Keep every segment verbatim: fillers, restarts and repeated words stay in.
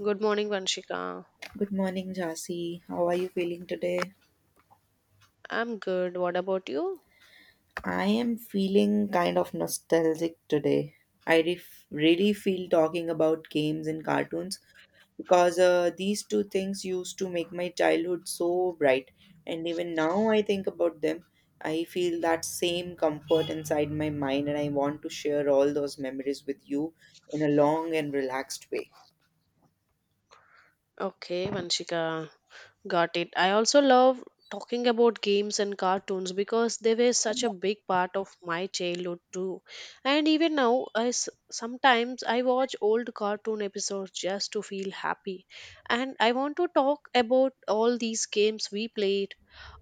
Good morning, Vanshika. Good morning, Jasi. How are you feeling today? I'm good. What about you? I am feeling kind of nostalgic today. I ref- really feel talking about games and cartoons because uh, these two things used to make my childhood so bright. And even now, I think about them, I feel that same comfort inside my mind, and I want to share all those memories with you in a long and relaxed way. Okay, Vanshika, got it. I also love talking about games and cartoons because they were such a big part of my childhood too. And even now, I s- sometimes I watch old cartoon episodes just to feel happy. And I want to talk about all these games we played,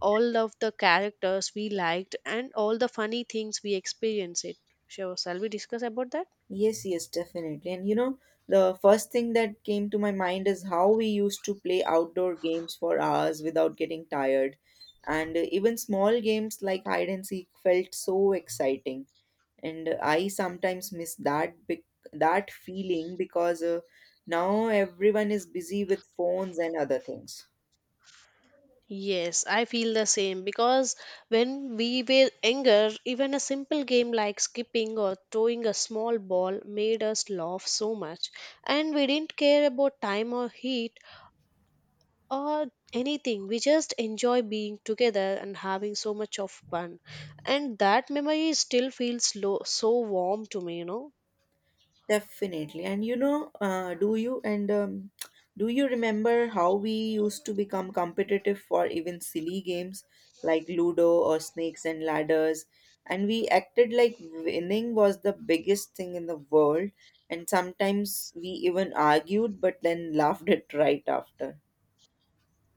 all of the characters we liked, and all the funny things we experienced. It. So, shall we discuss about that? Yes, yes, definitely. And you know, the first thing that came to my mind is how we used to play outdoor games for hours without getting tired. And uh, even small games like hide and seek felt so exciting. And uh, I sometimes miss that big, that feeling because uh, now everyone is busy with phones and other things. Yes, I feel the same because when we were younger, even a simple game like skipping or throwing a small ball made us laugh so much. And we didn't care about time or heat or anything. We just enjoy being together and having so much of fun. And that memory still feels lo- so warm to me, you know. Definitely. And you know, uh, do you and um, do you remember how we used to become competitive for even silly games like Ludo or Snakes and Ladders? And we acted like winning was the biggest thing in the world. And sometimes we even argued, but then laughed it right after.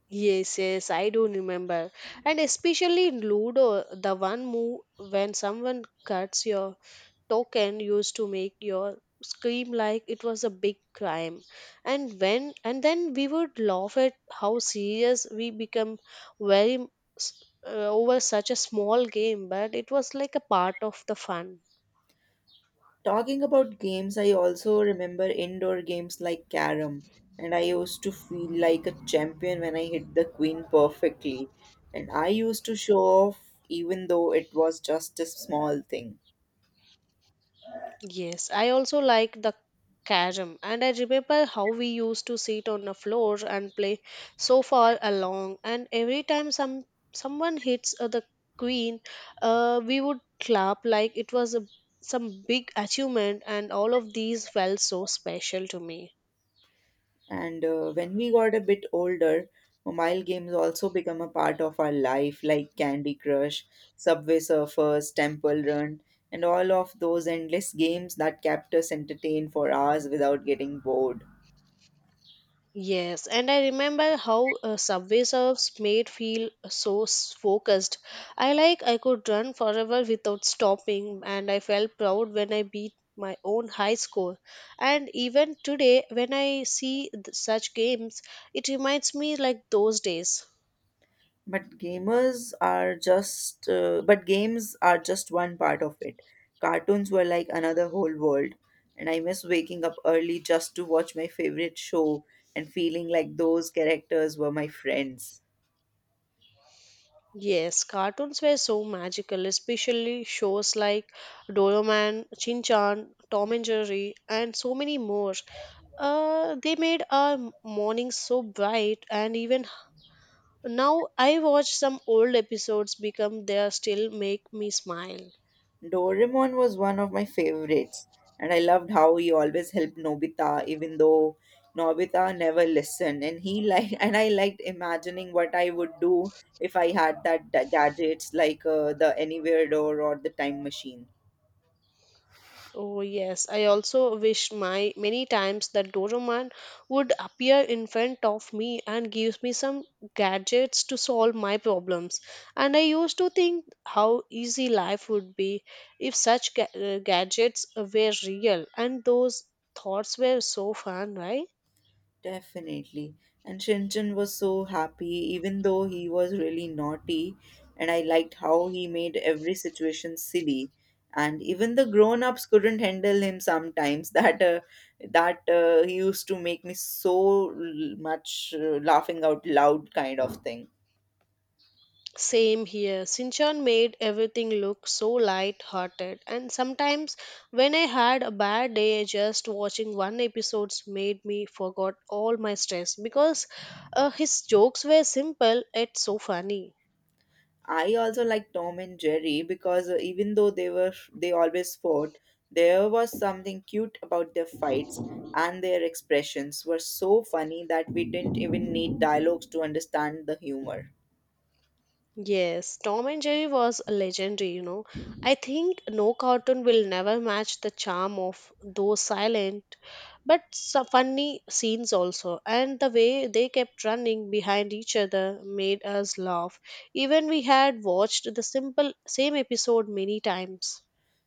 Yes, yes, I do remember. And especially in Ludo, the one move when someone cuts your token used to make your scream like it was a big crime and when and then we would laugh at how serious we become very s- uh, over such a small game, but it was like a part of the fun. Talking about games, I also remember indoor games like carom, and I used to feel like a champion when I hit the queen perfectly. And I used to show off even though it was just a small thing. Yes, I also like the carom, and I remember how we used to sit on the floor and play so far along, and every time some someone hits uh, the queen, uh, we would clap like it was a, some big achievement, and all of these felt so special to me. And uh, when we got a bit older, mobile games also become a part of our life, like Candy Crush, Subway Surfers, Temple Run, and all of those endless games that kept us entertained for hours without getting bored. Yes, and I remember how uh, subway surfs made feel uh, so s- focused. I like I could run forever without stopping, and I felt proud when I beat my own high score. And even today, when I see th- such games, it reminds me like those days. But gamers are just, uh, but games are just one part of it. Cartoons were like another whole world, and I miss waking up early just to watch my favorite show and feeling like those characters were my friends. Yes, cartoons were so magical, especially shows like Doraemon, Shin Chan, Tom and Jerry, and so many more. Uh, they made our mornings so bright, and even h- now I watch some old episodes become they are still make me smile. Doraemon was one of my favorites, and I loved how he always helped Nobita, even though Nobita never listened. And he like, and I liked imagining what I would do if I had that da- gadgets like uh, the Anywhere door or the time machine. Oh yes, I also wish my many times that Doraemon would appear in front of me and gives me some gadgets to solve my problems. And I used to think how easy life would be if such ga- uh, gadgets were real, and those thoughts were so fun, right? Definitely. And Shinchan was so happy, even though he was really naughty. And I liked how he made every situation silly. And even the grown-ups couldn't handle him sometimes. That uh, that uh, he used to make me so l- much uh, laughing out loud kind of thing. Same here. Sinchan made everything look so light-hearted, and sometimes when I had a bad day, just watching one episodes made me forgot all my stress because uh, his jokes were simple yet so funny. I also like Tom and Jerry because uh, even though they were they always fought, there was something cute about their fights and their expressions were so funny that we didn't even need dialogues to understand the humor. Yes, Tom and Jerry was legendary, you know. I think no cartoon will never match the charm of those silent but so funny scenes also. And the way they kept running behind each other made us laugh. Even we had watched the simple same episode many times.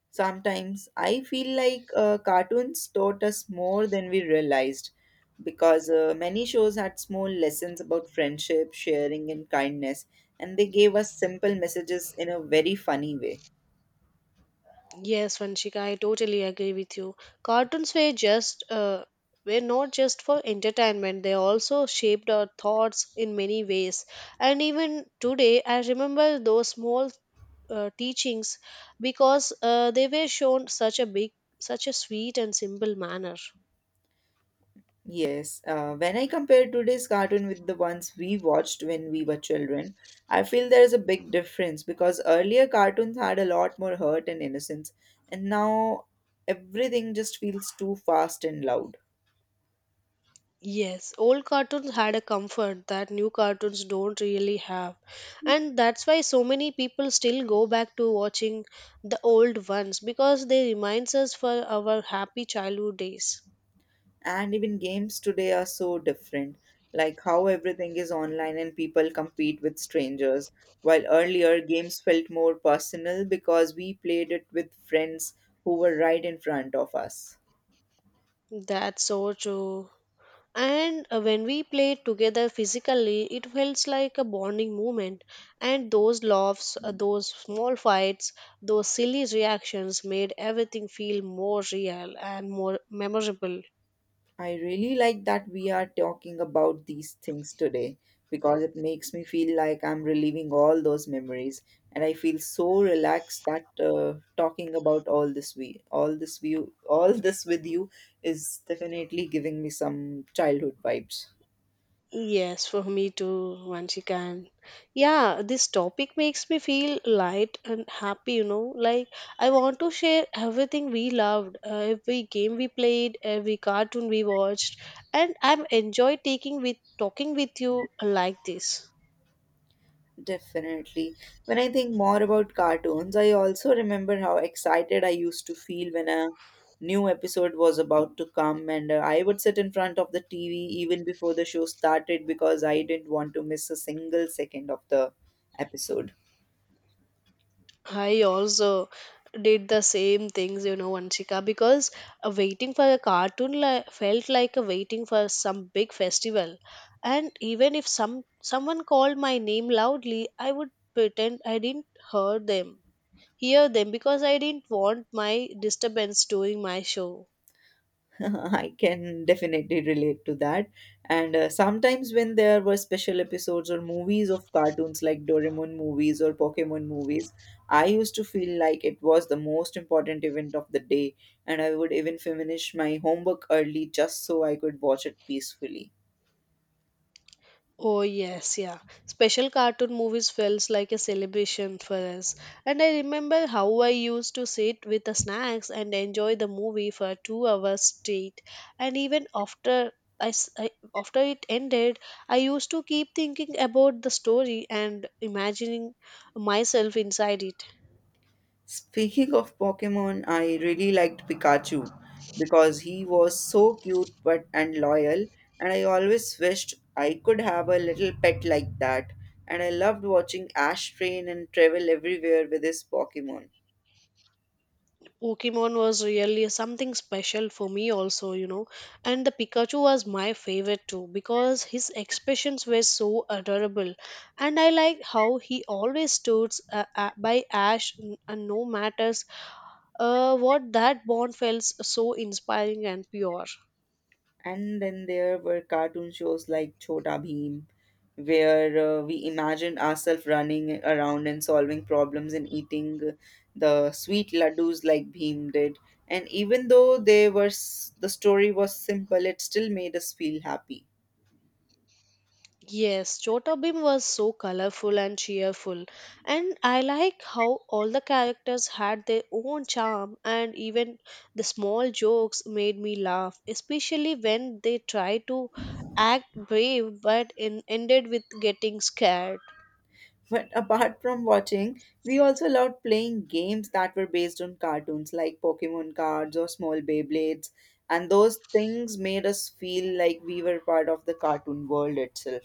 Sometimes I feel like uh, cartoons taught us more than we realized because uh, many shows had small lessons about friendship, sharing and kindness and they gave us simple messages in a very funny way. Yes, Vanshika, I totally agree with you. Cartoons were just uh, were not just for entertainment; they also shaped our thoughts in many ways. And even today, I remember those small uh, teachings because uh, they were shown such a big, such a sweet and simple manner. Yes, uh, when I compare today's cartoon with the ones we watched when we were children, I feel there is a big difference because earlier cartoons had a lot more hurt and innocence, and now everything just feels too fast and loud. Yes, old cartoons had a comfort that new cartoons don't really have. And that's why so many people still go back to watching the old ones because they reminds us for our happy childhood days. And even games today are so different, like how everything is online and people compete with strangers, while earlier games felt more personal because we played it with friends who were right in front of us. That's so true. And uh, when we played together physically, it felt like a bonding moment. And those laughs, uh, those small fights, those silly reactions made everything feel more real and more memorable. I really like that we are talking about these things today because it makes me feel like I'm reliving all those memories and I feel so relaxed that uh, talking about all this we all this view all this with you is definitely giving me some childhood vibes. Yes, for me too, once you can. Yeah, this topic makes me feel light and happy, you know. Like, I want to share everything we loved, uh, every game we played, every cartoon we watched, and I'm enjoy taking with talking with you like this. Definitely. When I think more about cartoons, I also remember how excited I used to feel when a new episode was about to come, and uh, I would sit in front of the T V even before the show started because I didn't want to miss a single second of the episode. I also did the same things, you know, Vanshika, because uh, waiting for a cartoon li- felt like a waiting for some big festival. And even if some someone called my name loudly, I would pretend I didn't hear them, hear them, because I didn't want my disturbance during my show. I can definitely relate to that. And uh, sometimes when there were special episodes or movies of cartoons like Doraemon movies or Pokemon movies, I used to feel like it was the most important event of the day, and I would even finish my homework early just so I could watch it peacefully. Oh yes, yeah. Special cartoon movies felt like a celebration for us. And I remember how I used to sit with the snacks and enjoy the movie for two hours straight. And even after I, s- I- after it ended, I used to keep thinking about the story and imagining myself inside it. Speaking of Pokemon, I really liked Pikachu because he was so cute but and loyal, and I always wished I could have a little pet like that. And I loved watching Ash train and travel everywhere with his Pokemon. Pokemon was really something special for me also, you know. And the Pikachu was my favorite too because his expressions were so adorable. And I liked how he always stood uh, uh, by Ash n- and no matters uh, what, that bond felt so inspiring and pure. And then there were cartoon shows like Chota Bheem, where uh, we imagined ourselves running around and solving problems and eating the sweet laddus like Bheem did. And even though they were s- the story was simple, it still made us feel happy. Yes, Chota Bhim was so colorful and cheerful, and I like how all the characters had their own charm, and even the small jokes made me laugh, especially when they tried to act brave but in, ended with getting scared. But apart from watching, we also loved playing games that were based on cartoons like Pokemon cards or small Beyblades. And those things made us feel like we were part of the cartoon world itself.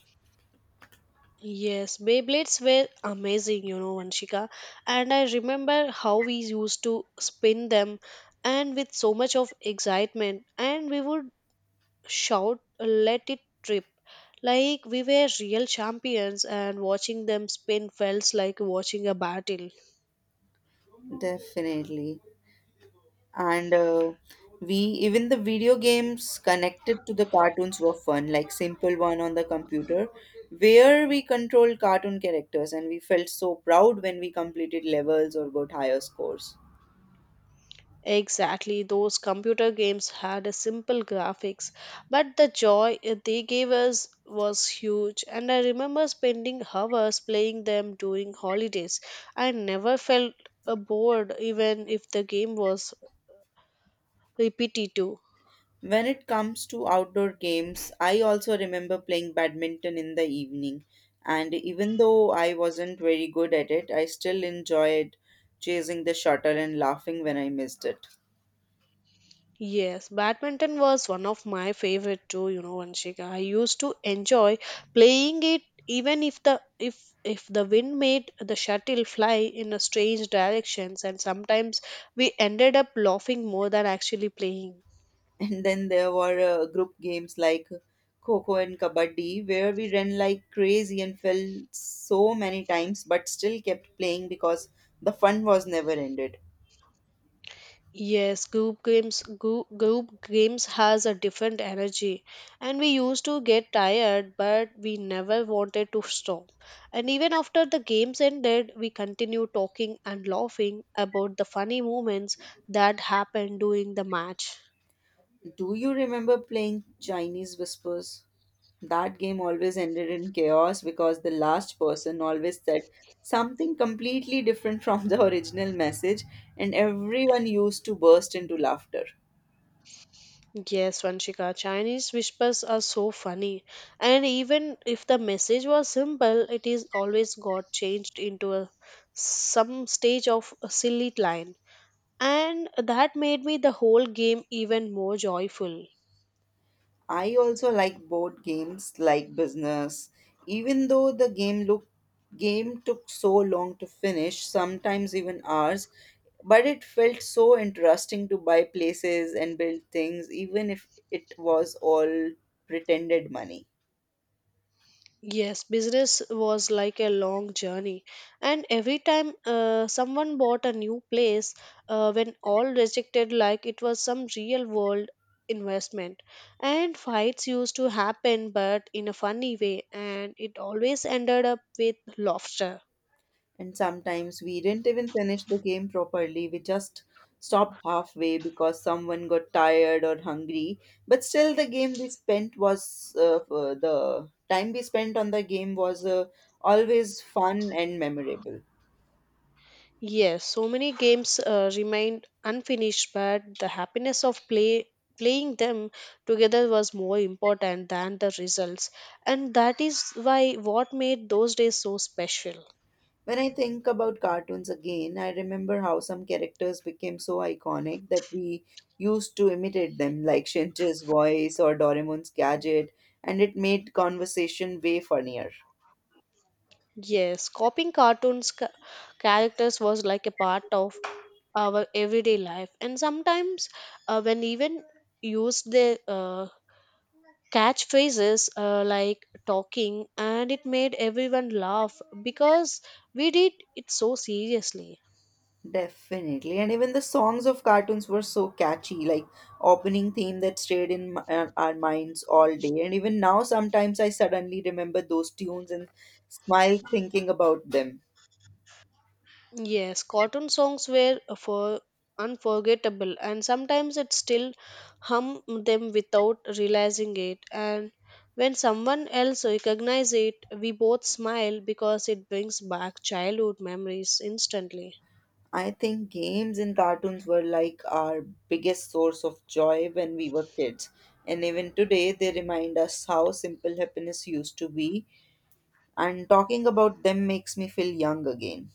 Yes, Beyblades were amazing, you know, Vanshika, and I remember how we used to spin them and with so much of excitement, and we would shout, let it trip. Like we were real champions, and watching them spin felt like watching a battle. Definitely. And uh, we even the video games connected to the cartoons were fun, like simple one on the computer, where we controlled cartoon characters and we felt so proud when we completed levels or got higher scores. Exactly, those computer games had a simple graphics, but the joy it- they gave us was huge. And I remember spending hours playing them during holidays. I never felt uh, bored even if the game was repetitive. When it comes to outdoor games, I also remember playing badminton in the evening. And even though I wasn't very good at it, I still enjoyed chasing the shuttle and laughing when I missed it. Yes, badminton was one of my favorite too, you know, Vanshika. I used to enjoy playing it even if the if if the wind made the shuttle fly in a strange directions, and sometimes we ended up laughing more than actually playing. And then there were uh, group games like Coco and Kabaddi, where we ran like crazy and fell so many times, but still kept playing because the fun was never ended. Yes, group games group, group games has a different energy, and we used to get tired but we never wanted to stop. And even after the games ended, we continued talking and laughing about the funny moments that happened during the match. Do you remember playing Chinese Whispers? That game always ended in chaos because the last person always said something completely different from the original message, and everyone used to burst into laughter. Yes, Vanshika, Chinese whispers are so funny. And even if the message was simple, it is always got changed into a some stage of a silly line. And that made me the whole game even more joyful. I also like board games like business. Even though the game look game took so long to finish, sometimes even hours, but it felt so interesting to buy places and build things even if it was all pretended money. Yes, business was like a long journey, and every time uh, someone bought a new place, uh, when all rejected like it was some real world investment. And fights used to happen but in a funny way, and it always ended up with laughter. And sometimes we didn't even finish the game properly. We just stopped halfway because someone got tired or hungry. But still, the game we spent was uh, uh, the time we spent on the game was uh, always fun and memorable. Yes, so many games uh, remained unfinished, but the happiness of play playing them together was more important than the results, and that is why what made those days so special. When I think about cartoons again, I remember how some characters became so iconic that we used to imitate them, like Shinche's voice or Doraemon's gadget, and it made conversation way funnier. Yes, copying cartoons ca- characters was like a part of our everyday life, and sometimes uh, when even used the uh, catchphrases uh, like talking, and it made everyone laugh because we did it so seriously. Definitely. And even the songs of cartoons were so catchy, like opening theme that stayed in m- uh, our minds all day. And even now, sometimes I suddenly remember those tunes and smile thinking about them. Yes, cotton songs were for unforgettable, and sometimes it still hum them without realizing it. And when someone else recognizes it, we both smile because it brings back childhood memories instantly. I think games and cartoons were like our biggest source of joy when we were kids. And even today, they remind us how simple happiness used to be. And talking about them makes me feel young again.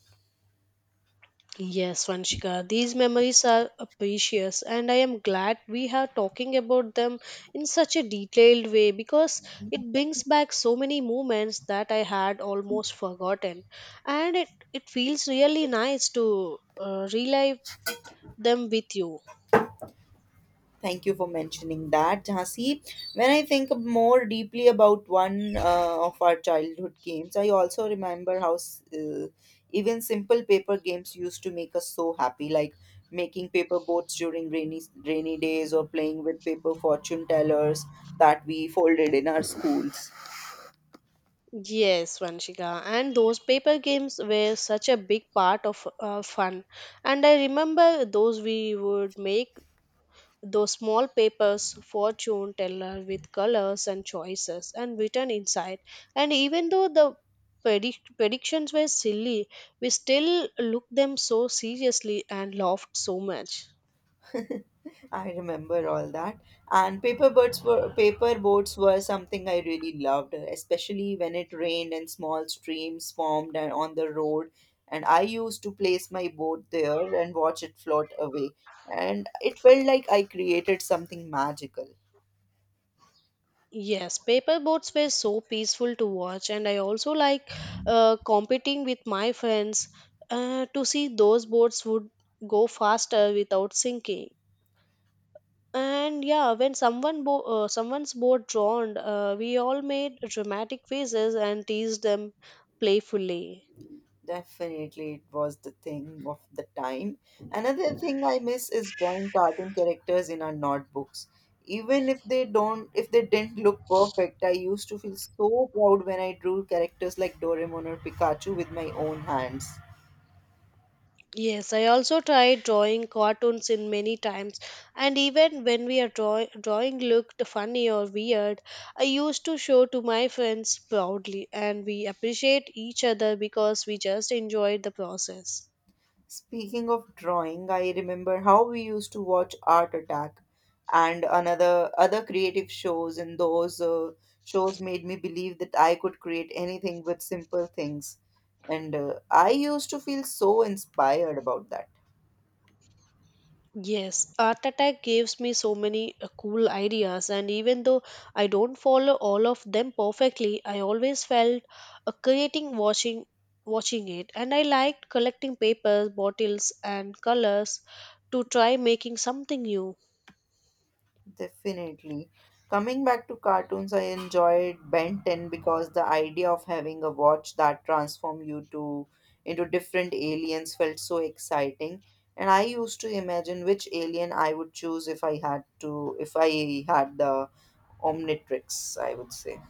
Yes, Vanshika, these memories are uh, precious, and I am glad we are talking about them in such a detailed way because it brings back so many moments that I had almost forgotten, and it it feels really nice to uh, relive them with you. Thank you for mentioning that, Jhansi. When I think more deeply about one uh, of our childhood games, I also remember how s- uh, even simple paper games used to make us so happy, like making paper boats during rainy rainy days or playing with paper fortune tellers that we folded in our schools. Yes, Vanshika, and those paper games were such a big part of uh, fun, and I remember those we would make those small papers, fortune teller with colors and choices, and written inside. And even though the predict- predictions were silly, we still looked them so seriously and laughed so much. I remember all that. And paper boats were paper boats were something I really loved, especially when it rained and small streams formed and on the road. And I used to place my boat there and watch it float away. And it felt like I created something magical. Yes, paper boats were so peaceful to watch, and I also like uh, competing with my friends uh, to see those boats would go faster without sinking. And yeah, when someone bo- uh, someone's boat drowned, uh, we all made dramatic faces and teased them playfully. Definitely, it was the thing of the time. Another thing I miss is drawing cartoon characters in our notebooks. Even if they don't, if they didn't look perfect, I used to feel so proud when I drew characters like Doraemon or Pikachu with my own hands. Yes, I also tried drawing cartoons in many times, and even when we are draw- drawing looked funny or weird, I used to show to my friends proudly, and we appreciate each other because we just enjoyed the process. Speaking of drawing, I remember how we used to watch Art Attack and another other creative shows, and those uh, shows made me believe that I could create anything with simple things. And uh, I used to feel so inspired about that. Yes, Art Attack gives me so many uh, cool ideas, and even though I don't follow all of them perfectly, I always felt uh, creating watching watching it, and I liked collecting papers, bottles, and colors to try making something new. Definitely. Coming back to cartoons, I enjoyed Ben ten because the idea of having a watch that transformed you to into different aliens felt so exciting. And I used to imagine which alien I would choose if I had to if I had the Omnitrix, I would say.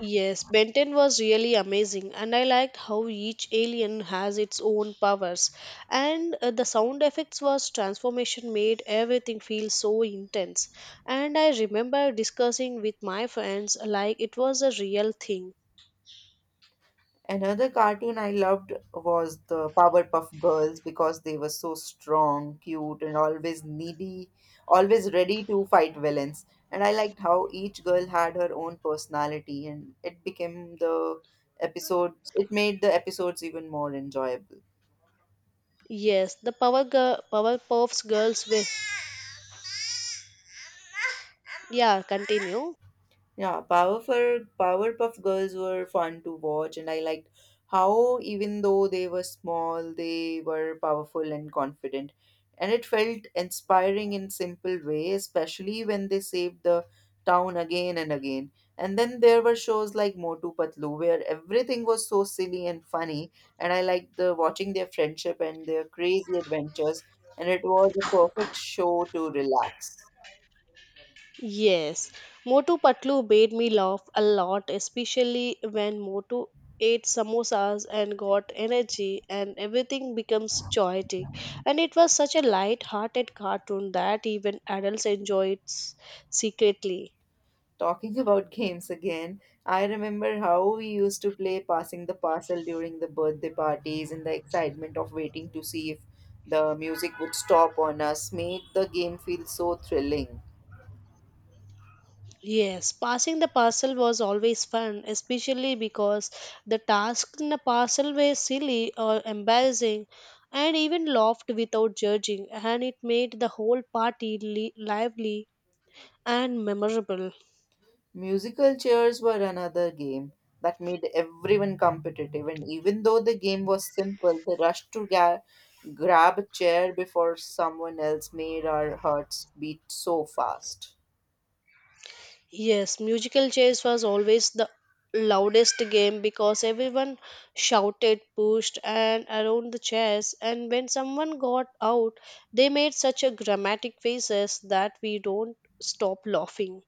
Yes, Benton was really amazing, and I liked how each alien has its own powers. And uh, the sound effects was transformation made everything feel so intense. And I remember discussing with my friends like it was a real thing. Another cartoon I loved was the Powerpuff Girls because they were so strong, cute, and always needy, always ready to fight villains. And I liked how each girl had her own personality, and it became the episodes, it made the episodes even more enjoyable. Yes, the Power Girl, Powerpuffs Girls were. Yeah, continue. Yeah, Powerful Powerpuff Girls were fun to watch, and I liked how even though they were small, they were powerful and confident. And it felt inspiring in simple way, especially when they saved the town again and again. And then there were shows like Motu Patlu where everything was so silly and funny, and I liked the watching their friendship and their crazy adventures, and it was a perfect show to relax. Yes, Motu Patlu made me laugh a lot, especially when Motu ate samosas and got energy and everything becomes chaotic. And it was such a light-hearted cartoon that even adults enjoyed s- secretly. Talking about games again, I remember how we used to play passing the parcel during the birthday parties and the excitement of waiting to see if the music would stop on us made the game feel so thrilling. Yes, passing the parcel was always fun, especially because the tasks in the parcel were silly or embarrassing, and even laughed without judging, and it made the whole party li- lively and memorable. Musical chairs were another game that made everyone competitive, and even though the game was simple, the rush to ga- grab a chair before someone else made our hearts beat so fast. Yes, musical chairs was always the loudest game because everyone shouted, pushed, and around the chairs. And when someone got out, they made such a dramatic faces that we don't stop laughing.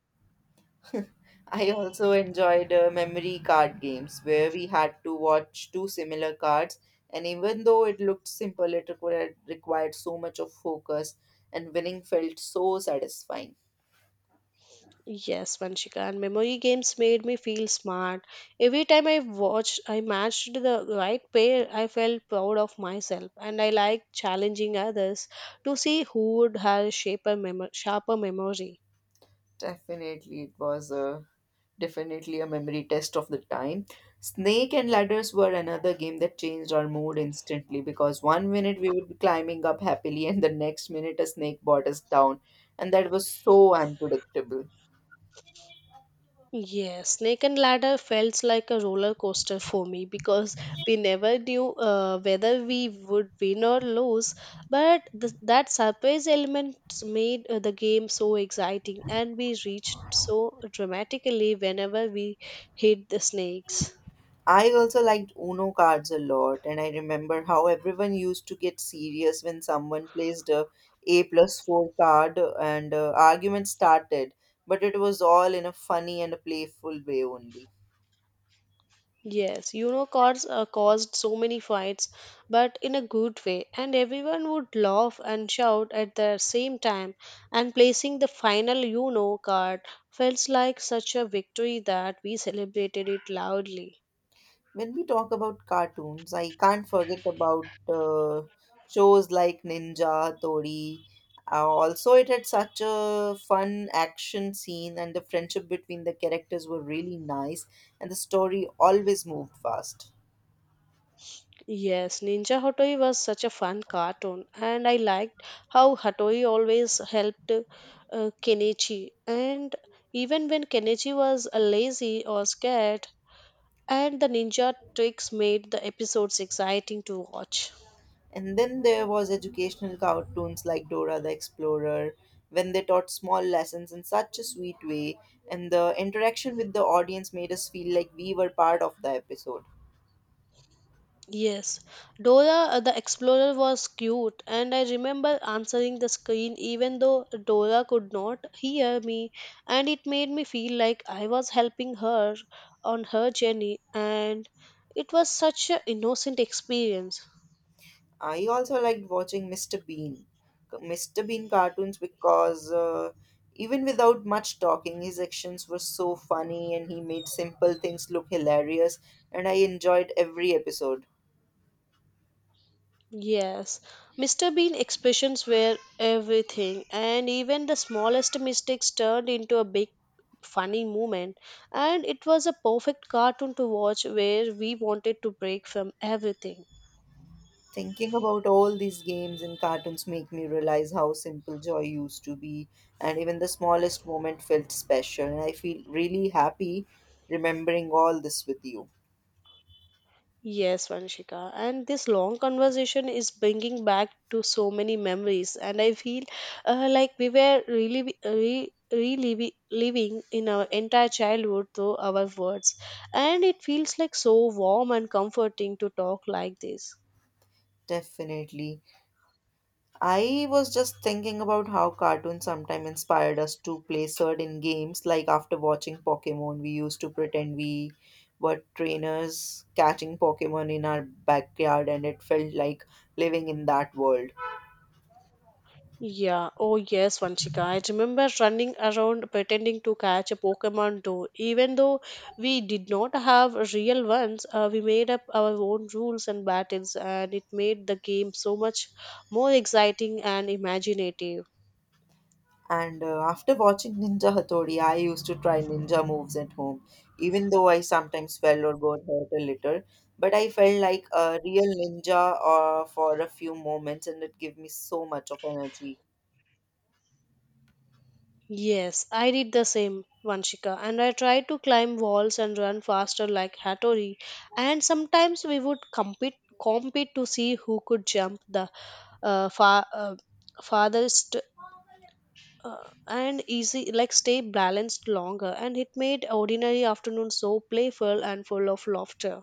I also enjoyed uh, memory card games where we had to watch two similar cards, and even though it looked simple, it required, required so much of focus, and winning felt so satisfying. Yes, Vanshika, and memory games made me feel smart. Every time I watched, I matched the right pair, I felt proud of myself, and I liked challenging others to see who would have shaper memo- sharper memory. Definitely, it was a definitely a memory test of the time. Snake and ladders were another game that changed our mood instantly because one minute we would be climbing up happily, and the next minute a snake brought us down, and that was so unpredictable. Yes, Snake and Ladder felt like a roller coaster for me because we never knew uh, whether we would win or lose. But th- that surprise element made uh, the game so exciting, and we reached so dramatically whenever we hit the snakes. I also liked Uno cards a lot, and I remember how everyone used to get serious when someone placed a A plus four card, uh, and uh, argument started, but it was all in a funny and a playful way only. Yes, you know, cars uh, caused so many fights, but in a good way, and everyone would laugh and shout at the same time. And placing the final you know card felt like such a victory that we celebrated it loudly. When we talk about cartoons, I can't forget about uh, shows like Ninja, Tori. Uh, also, it had such a fun action scene, and the friendship between the characters were really nice, and the story always moved fast. Yes, Ninja Hattori was such a fun cartoon, and I liked how Hattori always helped uh, Kenichi. And even when Kenichi was uh, lazy or scared, and the ninja tricks made the episodes exciting to watch. And then there was educational cartoons like Dora the Explorer, when they taught small lessons in such a sweet way, and the interaction with the audience made us feel like we were part of the episode. Yes, Dora uh, the Explorer was cute, and I remember answering the screen even though Dora could not hear me, and it made me feel like I was helping her on her journey, and it was such an innocent experience. I also liked watching mister Bean, mister Bean cartoons because uh, even without much talking, his actions were so funny and he made simple things look hilarious, and I enjoyed every episode. Yes, mister Bean expressions were everything, and even the smallest mistakes turned into a big funny moment, and it was a perfect cartoon to watch where we wanted to break from everything. Thinking about all these games and cartoons make me realize how simple joy used to be, and even the smallest moment felt special. And I feel really happy remembering all this with you. Yes, Vanshika. And this long conversation is bringing back to so many memories, and I feel uh, like we were really re reliving living in our entire childhood through our words, and it feels like so warm and comforting to talk like this. Definitely. I was just thinking about how cartoons sometimes inspired us to play certain games, like after watching Pokemon, we used to pretend we were trainers catching Pokemon in our backyard, and it felt like living in that world. Yeah, oh yes, Vanchika. I remember running around pretending to catch a Pokemon though. Even though we did not have real ones, uh, we made up our own rules and battles, and it made the game so much more exciting and imaginative. And uh, after watching Ninja Hattori, I used to try ninja moves at home, even though I sometimes fell or got hurt a little. But I felt like a real ninja uh, for a few moments, and it gave me so much of energy. Yes, I did the same, Vanshika, and I tried to climb walls and run faster like Hattori. And sometimes we would compete compete to see who could jump the uh, far uh, farthest uh, and easy like stay balanced longer, and it made ordinary afternoons so playful and full of laughter.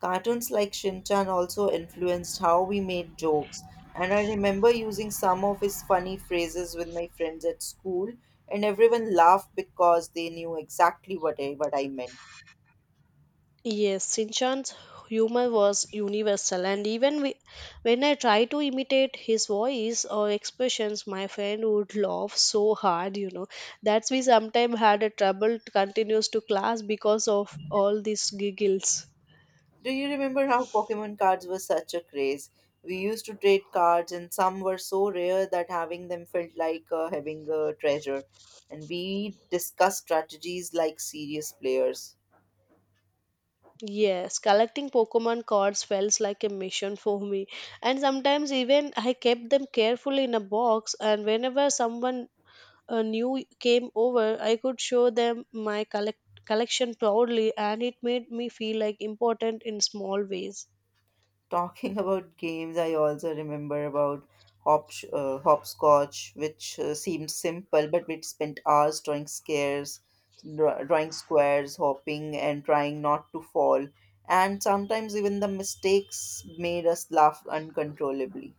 Cartoons like Shinchan also influenced how we made jokes, and I remember using some of his funny phrases with my friends at school, and everyone laughed because they knew exactly what I, what I meant. Yes, Sinchan's humor was universal, and even we, when I tried to imitate his voice or expressions, my friend would laugh so hard you know that's we sometimes had a trouble to continues to class because of all these giggles. Do you remember how Pokemon cards were such a craze? We used to trade cards, and some were so rare that having them felt like uh, having a treasure. And we discussed strategies like serious players. Yes, collecting Pokemon cards felt like a mission for me. And sometimes even I kept them carefully in a box, and whenever someone uh, new came over, I could show them my collect- collection proudly, and it made me feel like important in small ways. Talking about games, I also remember about hop- uh, hopscotch, which uh, seemed simple, but we spent hours drawing squares, draw- drawing squares, hopping, and trying not to fall. And sometimes even the mistakes made us laugh uncontrollably.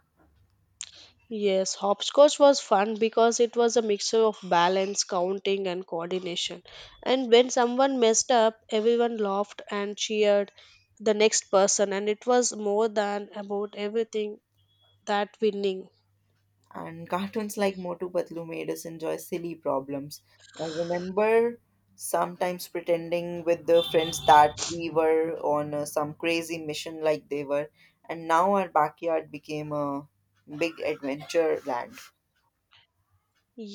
Yes, hopscotch was fun because it was a mixture of balance, counting, and coordination. And when someone messed up, everyone laughed and cheered the next person, and it was more than about everything that winning. And cartoons like Motu Patlu made us enjoy silly problems. I remember sometimes pretending with the friends that we were on uh, some crazy mission like they were, and now our backyard became a big adventure land.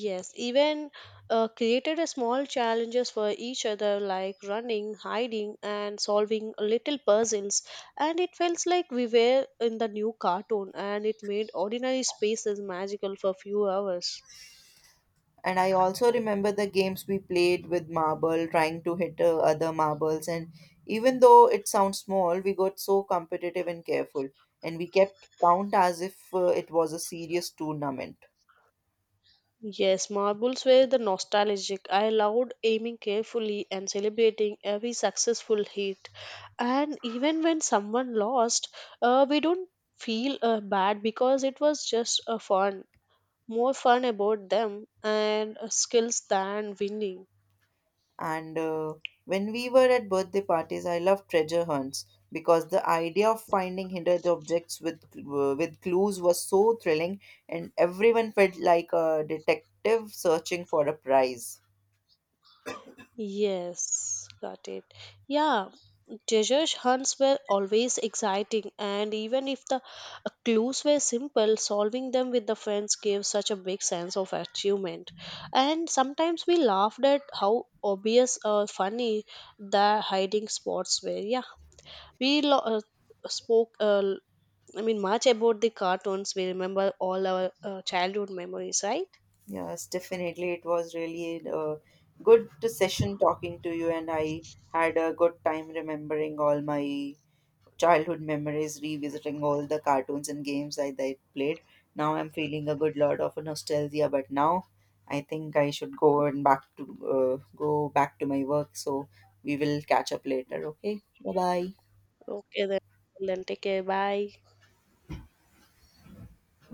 Yes, even uh, created a small challenges for each other like running, hiding, and solving little puzzles, and it felt like we were in the new cartoon, and it made ordinary spaces magical for a few hours. And I also remember the games we played with marble, trying to hit uh, other marbles, and even though it sounds small, we got so competitive and careful, and we kept count as if uh, it was a serious tournament. Yes, marbles were the nostalgic. I loved aiming carefully and celebrating every successful hit, and even when someone lost, uh, we don't feel uh, bad because it was just a fun, more fun about them and uh, skills than winning. And uh, when we were at birthday parties, I loved treasure hunts because the idea of finding hidden objects with uh, with clues was so thrilling, and everyone felt like a detective searching for a prize. Yes, got it. Yeah, treasure hunts were always exciting, and even if the uh, clues were simple, solving them with the friends gave such a big sense of achievement. And sometimes we laughed at how obvious or funny the hiding spots were. Yeah, we lo- uh, spoke, uh, I mean, much about the cartoons. We remember all our uh, childhood memories, right? Yes, definitely, it was really a good session talking to you, and I had a good time remembering all my childhood memories, revisiting all the cartoons and games I that played. Now I'm feeling a good lot of nostalgia, but now I think I should go and back to uh, go back to my work. So we will catch up later. Okay, bye bye. Okay, then, then take care. Bye.